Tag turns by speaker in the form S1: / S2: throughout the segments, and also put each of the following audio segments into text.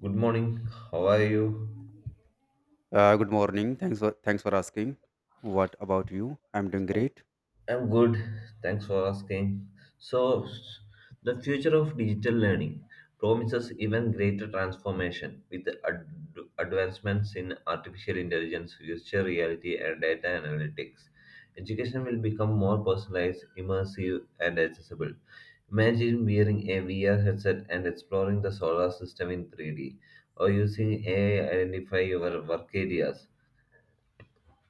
S1: Good morning. How are you?
S2: Good morning. Thanks for asking. What about you? I'm doing great.
S1: I'm good. Thanks for asking. So, the future of digital learning promises even greater transformation with advancements in artificial intelligence, virtual reality, and data analytics. Education will become more personalized, immersive, and accessible. Imagine wearing a VR headset and exploring the solar system in 3D, or using AI to identify your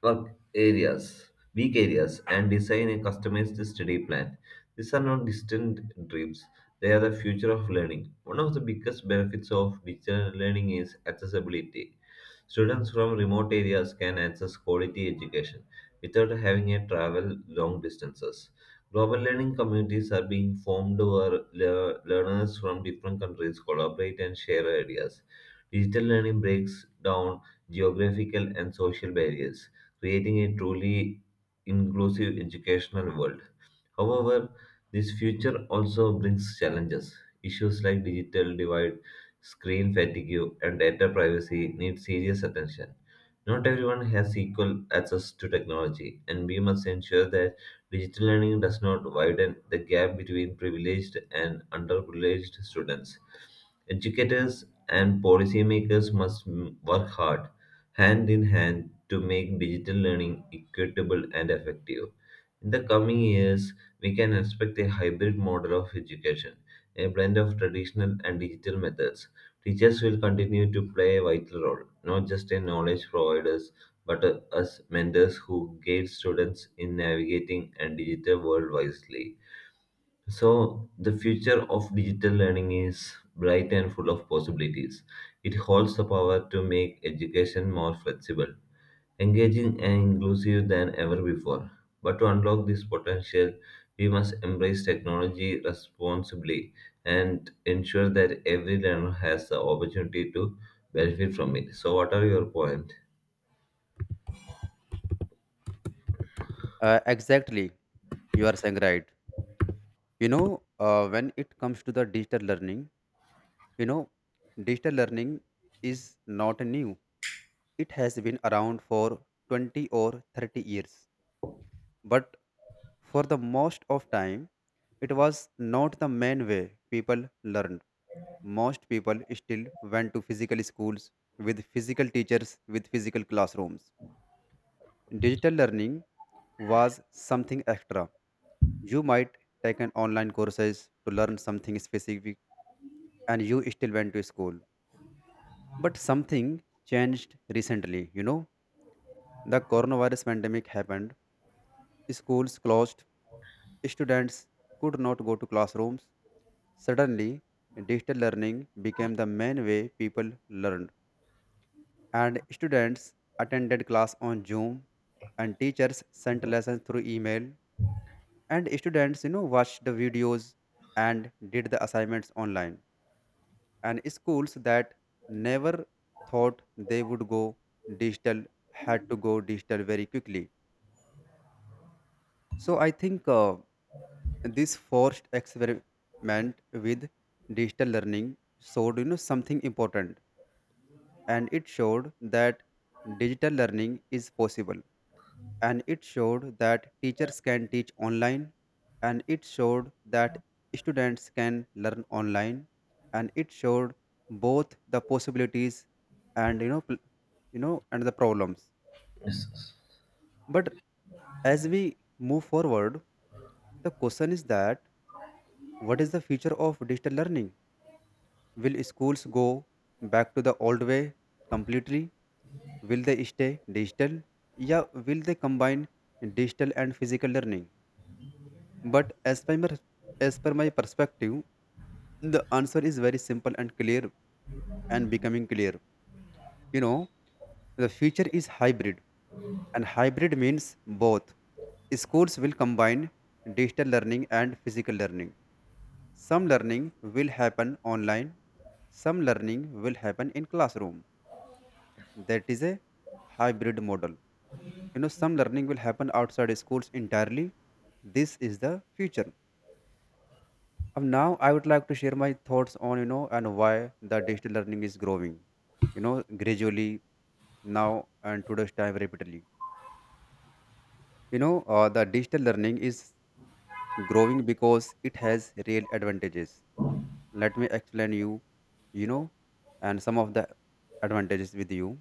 S1: work areas, weak areas, and design a customized study plan. These are not distant dreams, they are the future of learning. One of the biggest benefits of digital learning is accessibility. Students from remote areas can access quality education without having to travel long distances. Global learning communities are being formed where learners from different countries collaborate and share ideas. Digital learning breaks down geographical and social barriers, creating a truly inclusive educational world. However, this future also brings challenges. Issues like digital divide, screen fatigue, and data privacy need serious attention. Not everyone has equal access to technology, and we must ensure that digital learning does not widen the gap between privileged and underprivileged students. Educators and policymakers work hard, hand in hand, to make digital learning equitable and effective. In the coming years, we can expect a hybrid model of education, a blend of traditional and digital methods. Teachers will continue to play a vital role, not just as knowledge providers, but as mentors who guide students in navigating a digital world wisely. So, the future of digital learning is bright and full of possibilities. It holds the power to make education more flexible, engaging, and inclusive than ever before. But to unlock this potential, we must embrace technology responsibly and ensure that every learner has the opportunity to benefit from it. So, what are your points?
S2: Exactly. You are saying right. When it comes to the digital learning, you know, digital learning is not new. It has been around for 20 or 30 years. But for the most of time, it was not the main way people learned. Most people still went to physical schools with physical teachers, with physical classrooms. Digital learning was something extra. You might take an online courses to learn something specific, and you still went to school. But something changed recently, The coronavirus pandemic happened, schools closed, students could not go to classrooms. Suddenly, digital learning became the main way people learned, and students attended class on Zoom, and teachers sent lessons through email. And students watched the videos and did the assignments online, and schools that never thought they would go digital had to go digital very quickly. So I think this forced experiment with digital learning showed something important. And it showed that digital learning is possible, and it showed that teachers can teach online, and it showed that students can learn online, and it showed both the possibilities and you know pl- and the problems. But as we move forward, the question is that, what is the future of digital learning? Will schools go back to the old way completely? Will they stay digital? Yeah, will they combine digital and physical learning? But as per my, As per my perspective, the answer is very simple and clear and becoming clear. You know, the future is hybrid, and hybrid means both. Schools will combine digital learning and physical learning. Some learning will happen online, some learning will happen in classroom. That is a hybrid model. You know, some learning will happen outside schools entirely. This is the future. Now I would like to share my thoughts on and why the digital learning is growing, gradually now and today's time rapidly. The digital learning is growing because it has real advantages. Let me explain you, you know, and some of the advantages with you.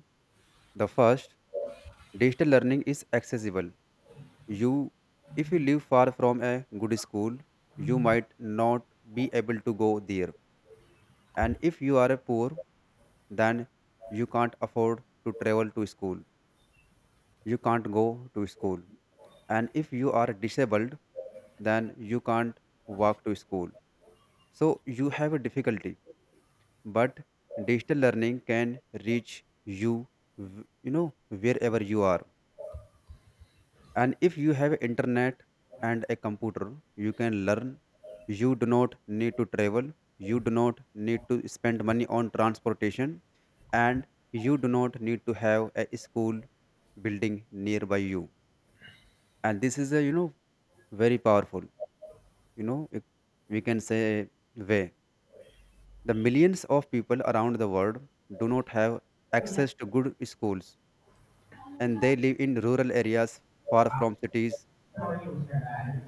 S2: The first, digital learning is accessible. You, if you live far from a good school, you might not be able to go there. And if you are poor, then you can't afford to travel to school, you can't go to school. And if you are disabled, then you can't walk to school, so you have a difficulty. But digital learning can reach you w- you know wherever you are. And if you have internet and a computer, you can learn. You do not need to travel, you do not need to spend money on transportation, and you do not need to have a school building nearby you. And this is a very powerful, you know it- we can say way. The millions of people around the world do not have access to good schools, and they live in rural areas far from cities,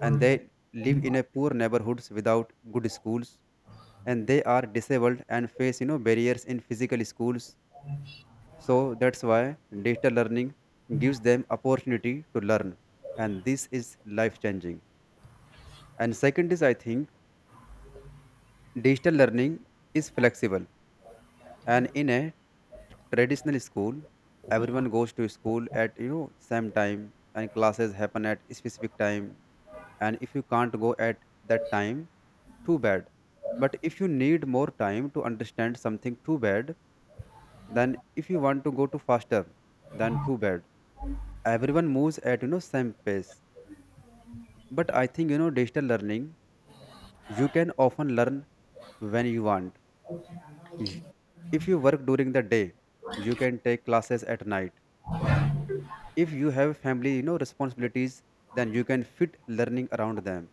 S2: and they live in a poor neighborhoods without good schools, and they are disabled and face barriers in physical schools. So that's why digital learning gives them opportunity to learn, and this is life changing. And second is, I think, digital learning is flexible. And in a traditional school, everyone goes to school at same time, and classes happen at specific time. And if you can't go at that time, too bad. But if you need more time to understand something, too bad. Then if you want to go to faster, then too bad. Everyone moves at same pace. But I think digital learning, you can often learn when you want. Y- if you work during the day, you can take classes at night. If you have family responsibilities, then you can fit learning around them.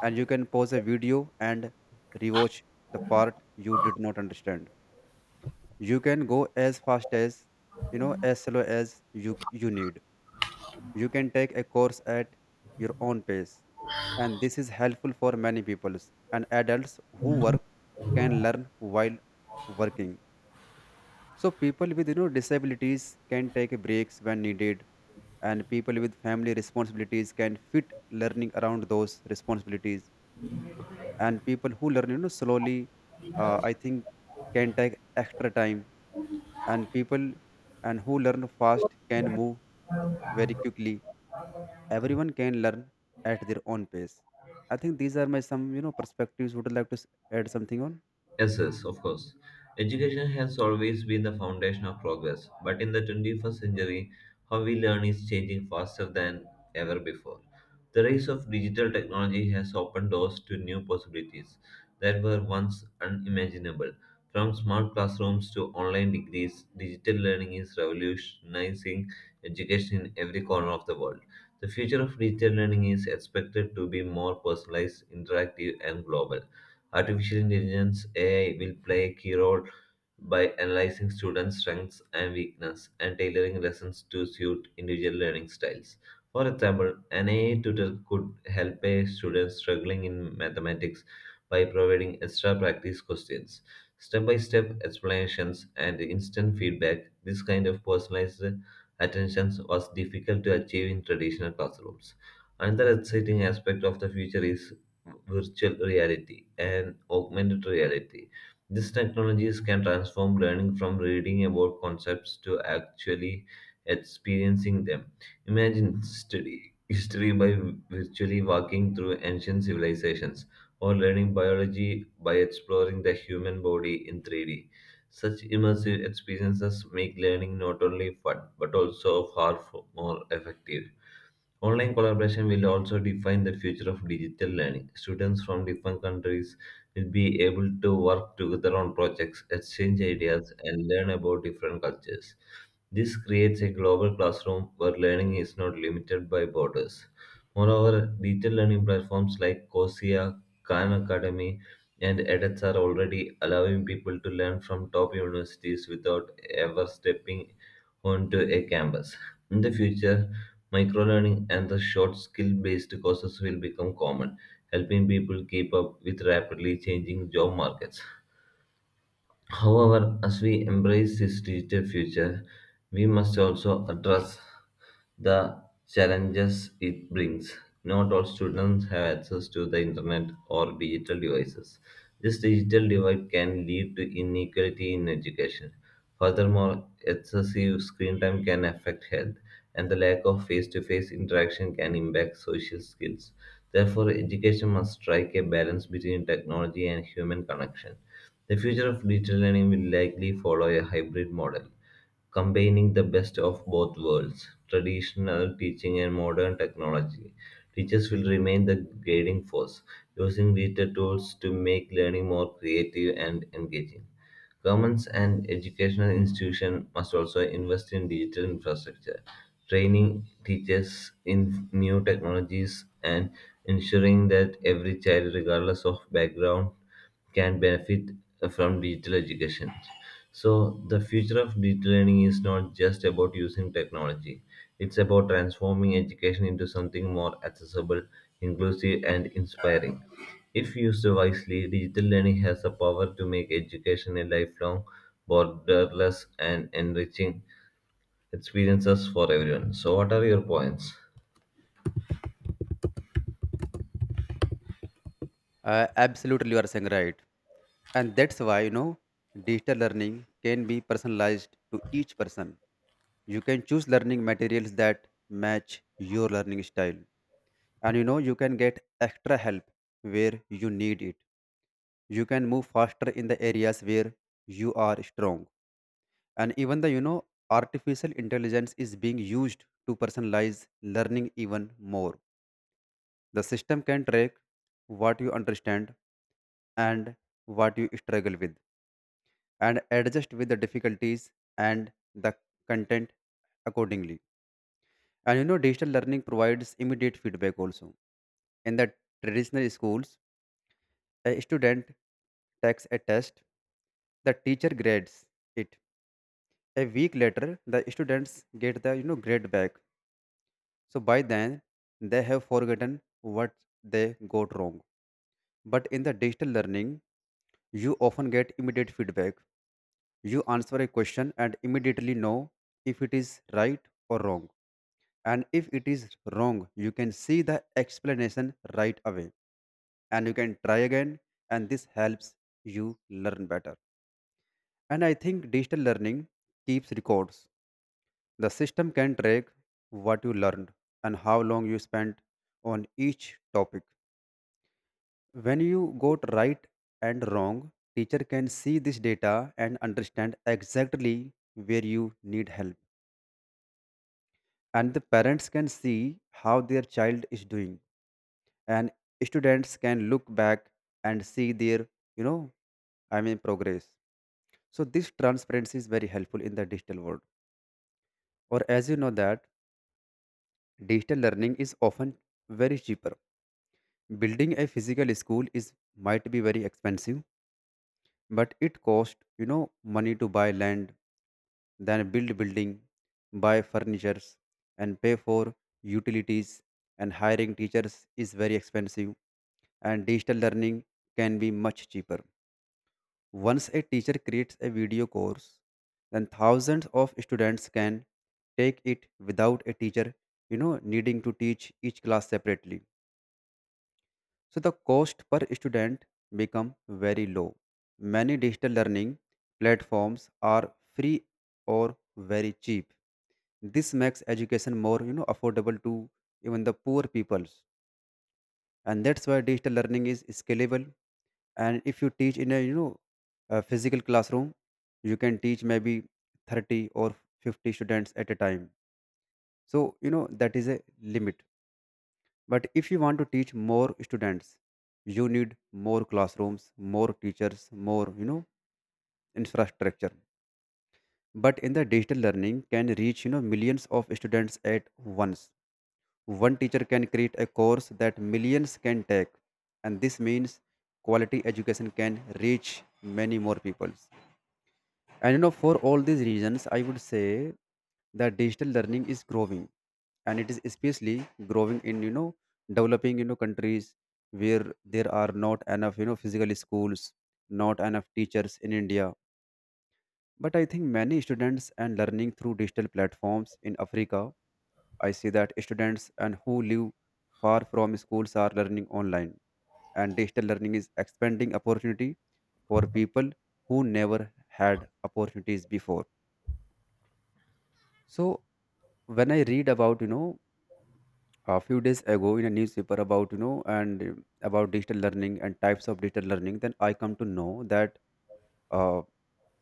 S2: And you can pause a video and rewatch the part you did not understand. You can go as fast as, as slow as you need. You can take a course at your own pace. And this is helpful for many peoples, and adults who work can learn while working. So people with disabilities can take breaks when needed, and people with family responsibilities can fit learning around those responsibilities. And people who learn slowly, I think, can take extra time. And people and who learn fast can move very quickly. Everyone can learn at their own pace. I think these are my some perspectives. Would you like to add something on?
S1: Yes, yes, of course. Education has always been the foundation of progress, but in the 21st century, how we learn is changing faster than ever before. The rise of digital technology has opened doors to new possibilities that were once unimaginable. From smart classrooms to online degrees, digital learning is revolutionizing education in every corner of the world. The future of digital learning is expected to be more personalized, interactive, and global. Artificial intelligence (AI) will play a key role by analyzing students' strengths and weaknesses and tailoring lessons to suit individual learning styles. For example, an AI tutor could help a student struggling in mathematics by providing extra practice questions, step by step explanations, and instant feedback. This kind of personalized attention was difficult to achieve in traditional classrooms. Another exciting aspect of the future is virtual reality and augmented reality. These technologies can transform learning from reading about concepts to actually experiencing them. Imagine study history by virtually walking through ancient civilizations or learning biology by exploring the human body in 3D. Such immersive experiences make learning not only fun but also more effective. Online collaboration will also define the future of digital learning. Students from different countries will be able to work together on projects, exchange ideas, and learn about different cultures. This creates a global classroom where learning is not limited by borders. Moreover, digital learning platforms like Cosia, Khan Academy, and edX are already allowing people to learn from top universities without ever stepping onto a campus. In the future, microlearning and the short skill based courses will become common, helping people keep up with rapidly changing job markets. However, as we embrace this digital future, we must also address the challenges it brings. Not all students have access to the internet or digital devices. This digital divide can lead to inequality in education. Furthermore, excessive screen time can affect health, and the lack of face to face interaction can impact social skills. Therefore, education must strike a balance between technology and human connection. The future of digital learning will likely follow a hybrid model, combining the best of both worlds traditional teaching and modern technology. Teachers will remain the guiding force, using digital tools to make learning more creative and engaging. Governments and educational institutions must also invest in digital infrastructure, training teachers in new technologies, and ensuring that every child, regardless of background, can benefit from digital education. So, the future of digital learning is not just about using technology, it's about transforming education into something more accessible, inclusive, and inspiring. If used wisely, digital learning has the power to make education a lifelong, borderless, and enriching experiences for everyone. So, what are your points?
S2: Absolutely, you are saying right. And that's why, digital learning can be personalized to each person. You can choose learning materials that match your learning style. And, you can get extra help where you need it. You can move faster in the areas where you are strong. And even the artificial intelligence is being used to personalize learning even more. The system can track what you understand and what you struggle with, and adjust with the difficulties and the content accordingly. And digital learning provides immediate feedback also. In the traditional schools, a student takes a test, the teacher grades it. A week later, the students get the grade back. So by then, they have forgotten what they got wrong. But in the digital learning, you often get immediate feedback. You answer a question and immediately know if it is right or wrong. And if it is wrong, you can see the explanation right away, and you can try again. And this helps you learn better. And I think digital learning keeps records. The system can track what you learned and how long you spent on each topic. When you got right and wrong, teacher can see this data and understand exactly where you need help. And the parents can see how their child is doing. And students can look back and see their, you know, I mean progress. So this transparency is very helpful in the digital world. Or as you know that digital learning is often very cheaper. Building a physical school is might be very expensive, but it costs money to buy land, then build building, buy furnitures, and pay for utilities. And hiring teachers is very expensive, and digital learning can be much cheaper. Once a teacher creates a video course, then thousands of students can take it without a teacher, needing to teach each class separately. So the cost per student become very low. Many digital learning platforms are free or very cheap. This makes education more, affordable to even the poor peoples, and that's why digital learning is scalable. And if you teach in a, a physical classroom, you can teach maybe 30 or 50 students at a time. So, that is a limit. But if you want to teach more students, you need more classrooms, more teachers, more, infrastructure. But in the digital learning can reach, millions of students at once. One teacher can create a course that millions can take, and this means quality education can reach many more people. And for all these reasons, I would say that digital learning is growing, and it is especially growing in developing countries where there are not enough physical schools, not enough teachers in India. But I think many students and learning through digital platforms in Africa, I see that students and who live far from schools are learning online, and digital learning is expanding opportunity for people who never had opportunities before. So when I read about a few days ago in a newspaper about you know and about digital learning and types of digital learning, then I come to know that uh,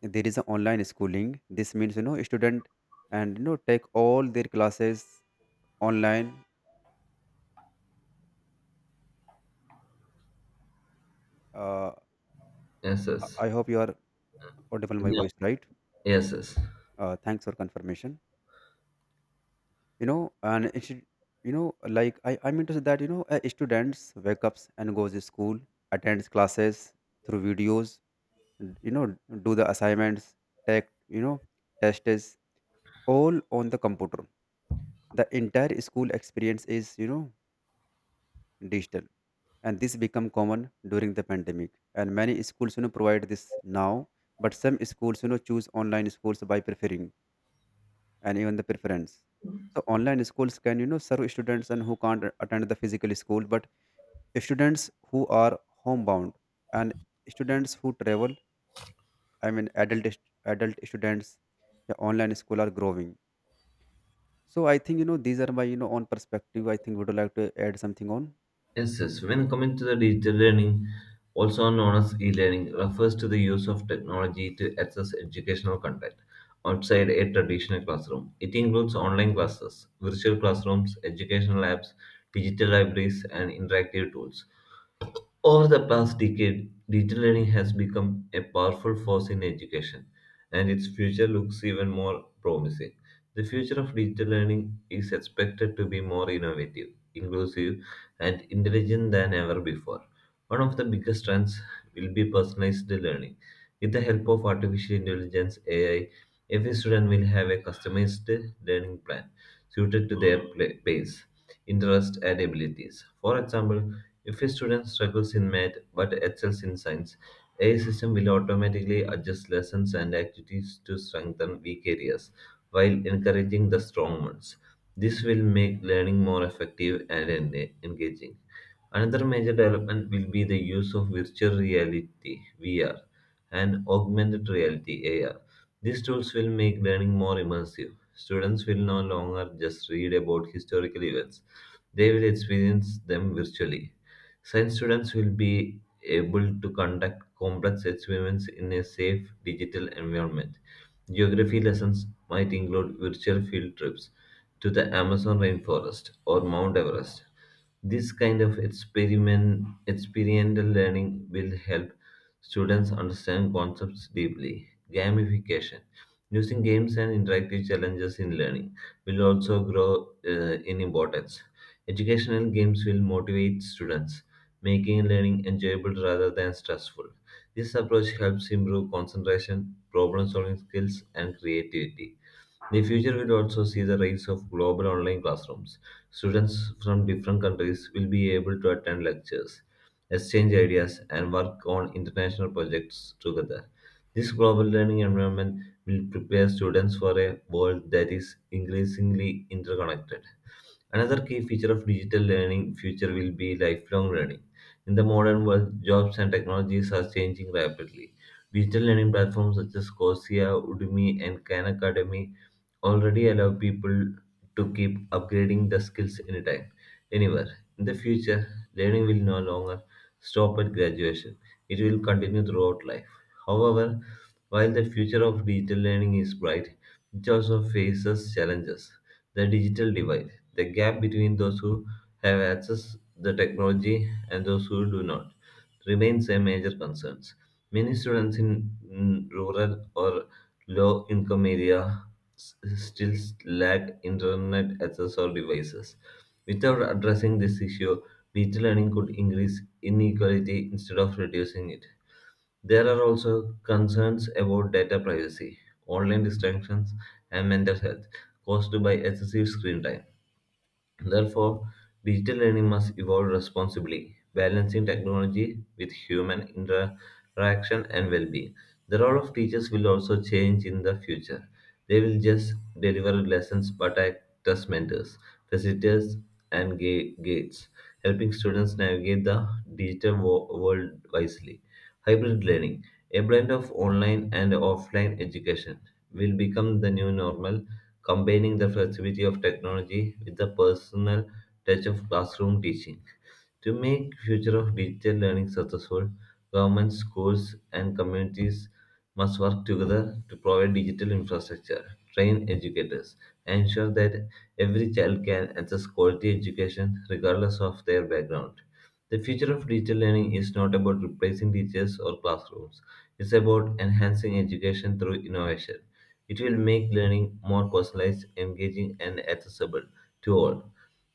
S2: there is an online schooling. This means student and you know take all their classes online. Uh,
S1: Yes,
S2: I
S1: yes.
S2: I hope you are audible my
S1: Yeah.
S2: voice right.
S1: Yes, yes.
S2: Thanks for confirmation. And it should, you know like I mean to say that students wake up and goes to school, attends classes through videos, n- you know do the assignments, take you know tests, all on the computer. The entire school experience is digital. And this become common during the pandemic, and many schools provide this now. But some schools choose online schools by preferring and even the preference. So online schools can serve students and who can't attend the physical school, but students who are homebound, and students who travel, I mean adult students, the online school are growing. So I think these are my own perspective. I think would you like to add something on?
S1: Yes, yes. When coming to the digital learning, also known as e-learning, refers to the use of technology to access educational content outside a traditional classroom. It includes online classes, virtual classrooms, educational apps, digital libraries, and interactive tools. Over the past decade, digital learning has become a powerful force in education, and its future looks even more promising. The future of digital learning is expected to be more innovative, inclusive, and intelligent than ever before. One of the biggest trends will be personalized learning. With the help of artificial intelligence (AI), every student will have a customized learning plan suited to their pace, interest, and abilities. For example, if a student struggles in math but excels in science, AI system will automatically adjust lessons and activities to strengthen weak areas while encouraging the strong ones. This will make learning more effective and engaging. Another major development will be the use of virtual reality (VR) and augmented reality (AR). These tools will make learning more immersive. Students will no longer just read about historical events, they will experience them virtually. Science students will be able to conduct complex experiments in a safe digital environment. Geography lessons might include virtual field trips to the Amazon rainforest or Mount Everest. This experiential learning will help students understand concepts deeply. Gamification, using games and interactive challenges in learning, will also grow in importance. Educational games will motivate students, making learning enjoyable rather than stressful. This approach helps improve concentration, problem solving skills, and creativity. The future will also see the rise of global online classrooms. Students from different countries will be able to attend lectures, exchange ideas, and work on international projects together. This global learning environment will prepare students for a world that is increasingly interconnected. Another key feature of digital learning future will be lifelong learning. In the modern world, jobs and technologies are changing rapidly. Digital learning platforms such as Coursera, Udemy, and Khan Academy already allow people to keep upgrading the skills anytime, anywhere. In the future, learning will no longer stop at graduation. It will continue throughout life. However, while the future of digital learning is bright, it also faces challenges. The digital divide, the gap between those who have access the technology and those who do not, remains a major concern. Many students in rural or low income areas still lack internet access or devices. Without addressing this issue, digital learning could increase inequality instead of reducing it. There are also concerns about data privacy, online distractions, and mental health caused by excessive screen time. Therefore, digital learning must evolve responsibly, balancing technology with human interaction and well being. The role of teachers will also change in the future. They will just deliver lessons but act as mentors, facilitators, and gates, helping students navigate the digital world wisely. Hybrid learning, a blend of online and offline education, will become the new normal, combining the flexibility of technology with the personal touch of classroom teaching. To make future of digital learning successful, governments, schools, and communities must work together to provide digital infrastructure, train educators, and ensure that every child can access quality education regardless of their background. The future of digital learning is not about replacing teachers or classrooms. It's about enhancing education through innovation. It will make learning more personalized, engaging, and accessible to all.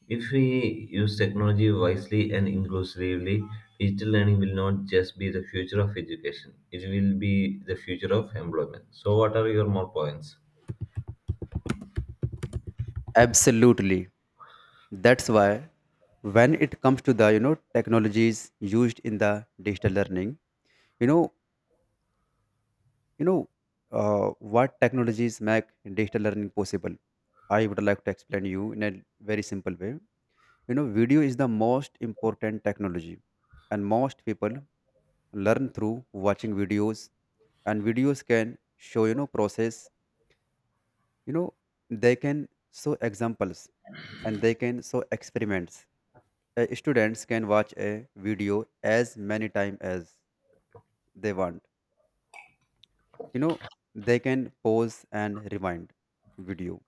S1: If we use technology wisely and inclusively, digital learning will not just be the future of education, it will be the future of employment. So, what are your more points?
S2: Absolutely. That's why when it comes to the technologies used in the digital learning, you know you know what technologies make digital learning possible, I would like to explain you in a very simple way. You know, video is the most important technology, and most people learn through watching videos, and videos can show process. you know they can show examples, and they can show experiments. Students can watch a video as many times as they want. you know they can pause and rewind video,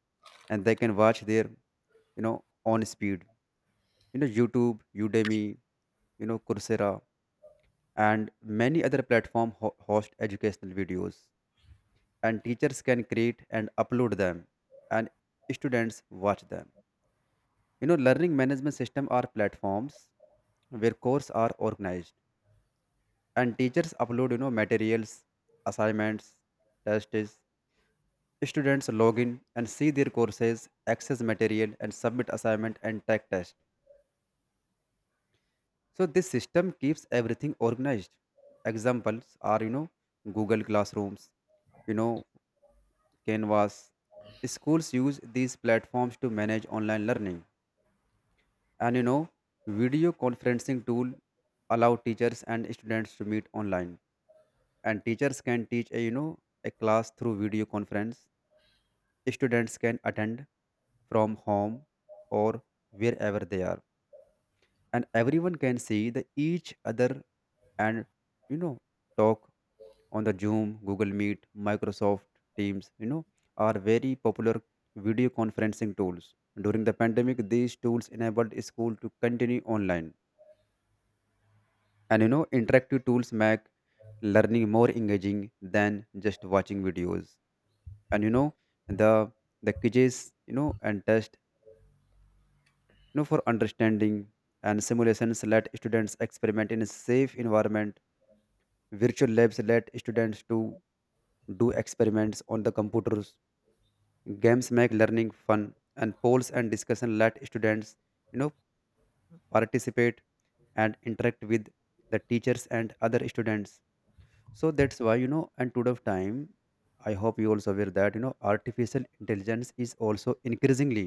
S2: and they can watch their, you know on speed. YouTube, Udemy, Coursera, and many other platform host educational videos, and teachers can create and upload them, and students watch them. Learning management system are platforms where courses are organized, and teachers upload materials, assignments, tests. Students log in and see their courses, access material, and submit assignment and take test. So this system keeps everything organized. Examples are, Google Classrooms, you know Canvas. Schools use these platforms to manage online learning, and video conferencing tool allow teachers and students to meet online, and teachers can teach a, a class through video conference. Students can attend from home or wherever they are, and everyone can see the each other and you know talk on the Zoom, Google Meet, Microsoft Teams, are very popular video conferencing tools. During the pandemic, these tools enabled school to continue online. And interactive tools make learning more engaging than just watching videos. And the the quizzes, and tests know, for understanding, and simulations let students experiment in a safe environment. Virtual labs let students to do experiments on the computers. Games make learning fun, and polls and discussion let students you know participate and interact with the teachers and other students. So that's why, and today of time, I hope you also aware that artificial intelligence is also increasingly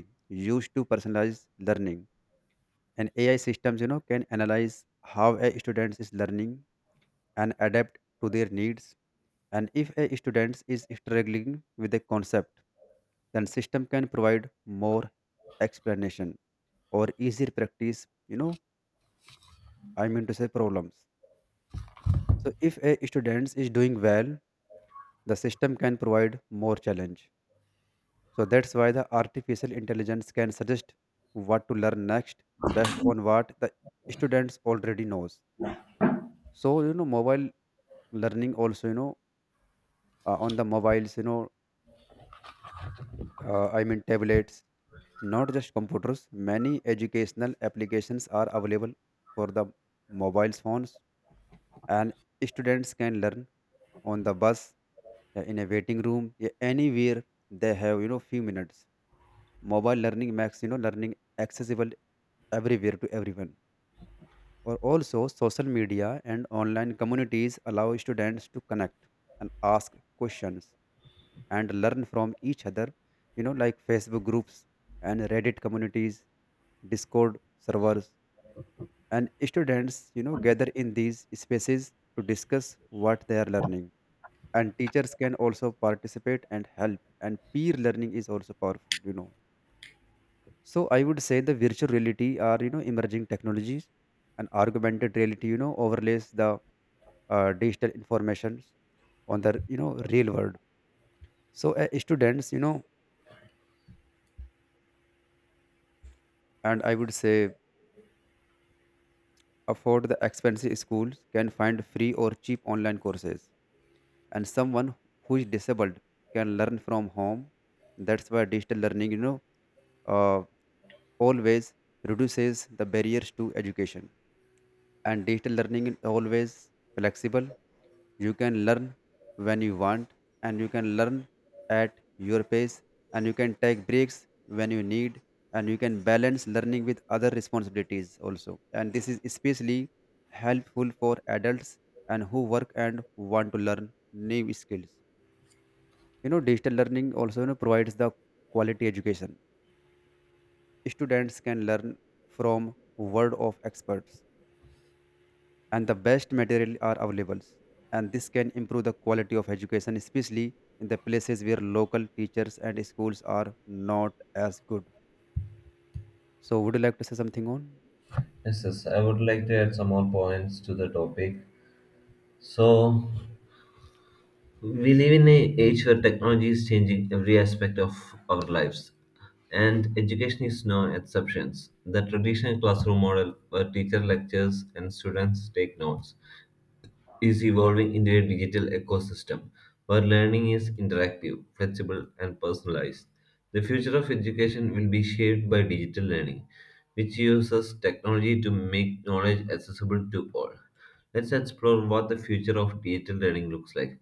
S2: used to personalize learning. And AI systems, can analyze how a student is learning and adapt to their needs. And if a student is struggling with a concept, then system can provide more explanation or easier practice, I mean to say problems. So if a student is doing well, the system can provide more challenge. So that's why the artificial intelligence can suggest what to learn next based on what the students already knows. So mobile learning also, on the mobiles, I mean tablets, not just computers. Many educational applications are available for the mobile phones, and students can learn on the bus, in a waiting room, yeah, anywhere they have few minutes. Mobile learning makes learning accessible everywhere to everyone. Or also social media and online communities allow students to connect and ask questions and learn from each other, like Facebook groups and Reddit communities, Discord servers, and students gather in these spaces to discuss what they are learning, and teachers can also participate and help. And peer learning is also powerful, so I would say the virtual reality are emerging technologies, and augmented reality overlays the digital information on the real world. So students, and I would say, afford the expensive schools can find free or cheap online courses, and someone who is disabled can learn from home. That's why digital learning, uh, always reduces the barriers to education, and digital learning is always flexible. You can learn when you want, and you can learn at your pace, and you can take breaks when you need, and you can balance learning with other responsibilities also. And this is especially helpful for adults and who work and want to learn new skills. Digital learning also, provides the quality education. Students can learn from word of experts, and the best material are available, and this can improve the quality of education, especially in the places where local teachers and schools are not as good. So would you like to say something on?
S1: Yes, yes, I would like to add some more points to the topic. So, we live in an age where technology is changing every aspect of our lives, and education is no exception. The traditional classroom model, where teacher lectures and students take notes, is evolving into a digital ecosystem where learning is interactive, flexible, and personalized. The future of education will be shaped by digital learning, which uses technology to make knowledge accessible to all. Let's explore what the future of digital learning looks like.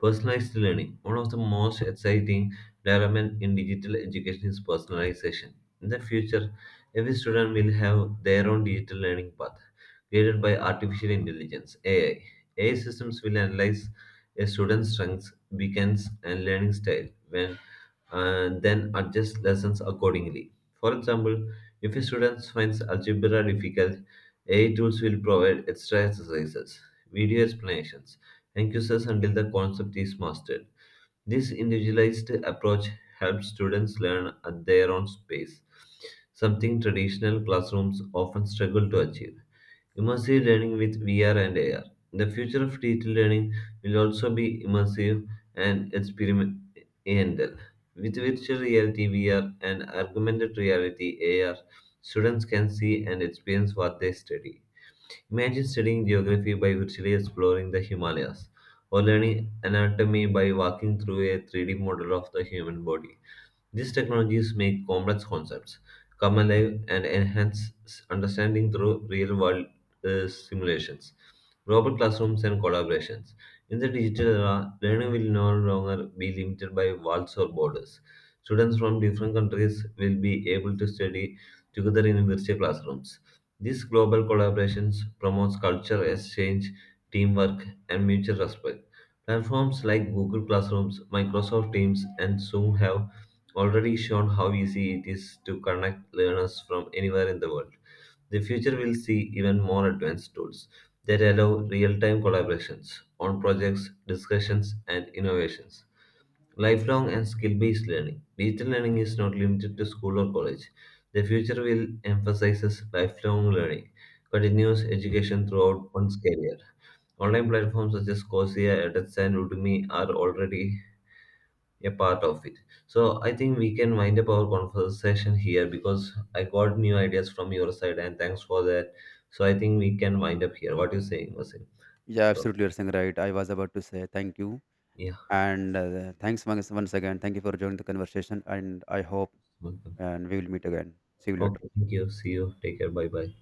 S1: Personalized learning. One of the most exciting developments in digital education is personalization. In the future, every student will have their own digital learning path, guided by artificial intelligence (AI). AI systems will analyze a student's strengths, weaknesses, and learning style, when and then adjust lessons accordingly. For example, if a student finds algebra difficult, AI tools will provide extra exercises, video explanations, and quizzes until the concept is mastered. This individualized approach helps students learn at their own pace, something traditional classrooms often struggle to achieve. Immersive learning with VR and AR. The future of digital learning will also be immersive and experimental. With virtual reality VR and augmented reality AR, students can see and experience what they study. Imagine studying geography by virtually exploring the Himalayas, or learning anatomy by walking through a 3D model of the human body. These technologies make complex concepts come alive and enhance understanding through real world simulations, robot classrooms, and collaborations. In the digital era, learning will no longer be limited by walls or borders. Students from different countries will be able to study together in virtual classrooms. These global collaborations promotes culture exchange, teamwork, and mutual respect. Platforms like Google Classrooms, Microsoft Teams, and Zoom have already shown how easy it is to connect learners from anywhere in the world. The future will see even more advanced tools that allow real time collaborations on projects, discussions, and innovations. Lifelong and skill based learning. Digital learning is not limited to school or college. The future will emphasize lifelong learning, continuous education throughout one's career. Online platforms such as Coursera, edX, and Udemy are already a part of it. So I think we can wind up our conversation here because I got new ideas from your side and thanks for that. So I think we can wind up here. What you saying, Vasim?
S2: Yeah,
S1: Bro.
S2: absolutely, you're saying right. I was about to say thank you,
S1: Yeah,
S2: and thanks once again. Thank you for joining the conversation, and I hope,
S1: welcome.
S2: and we will meet again. See you later.
S1: Okay, thank you. See you. Take care. Bye bye.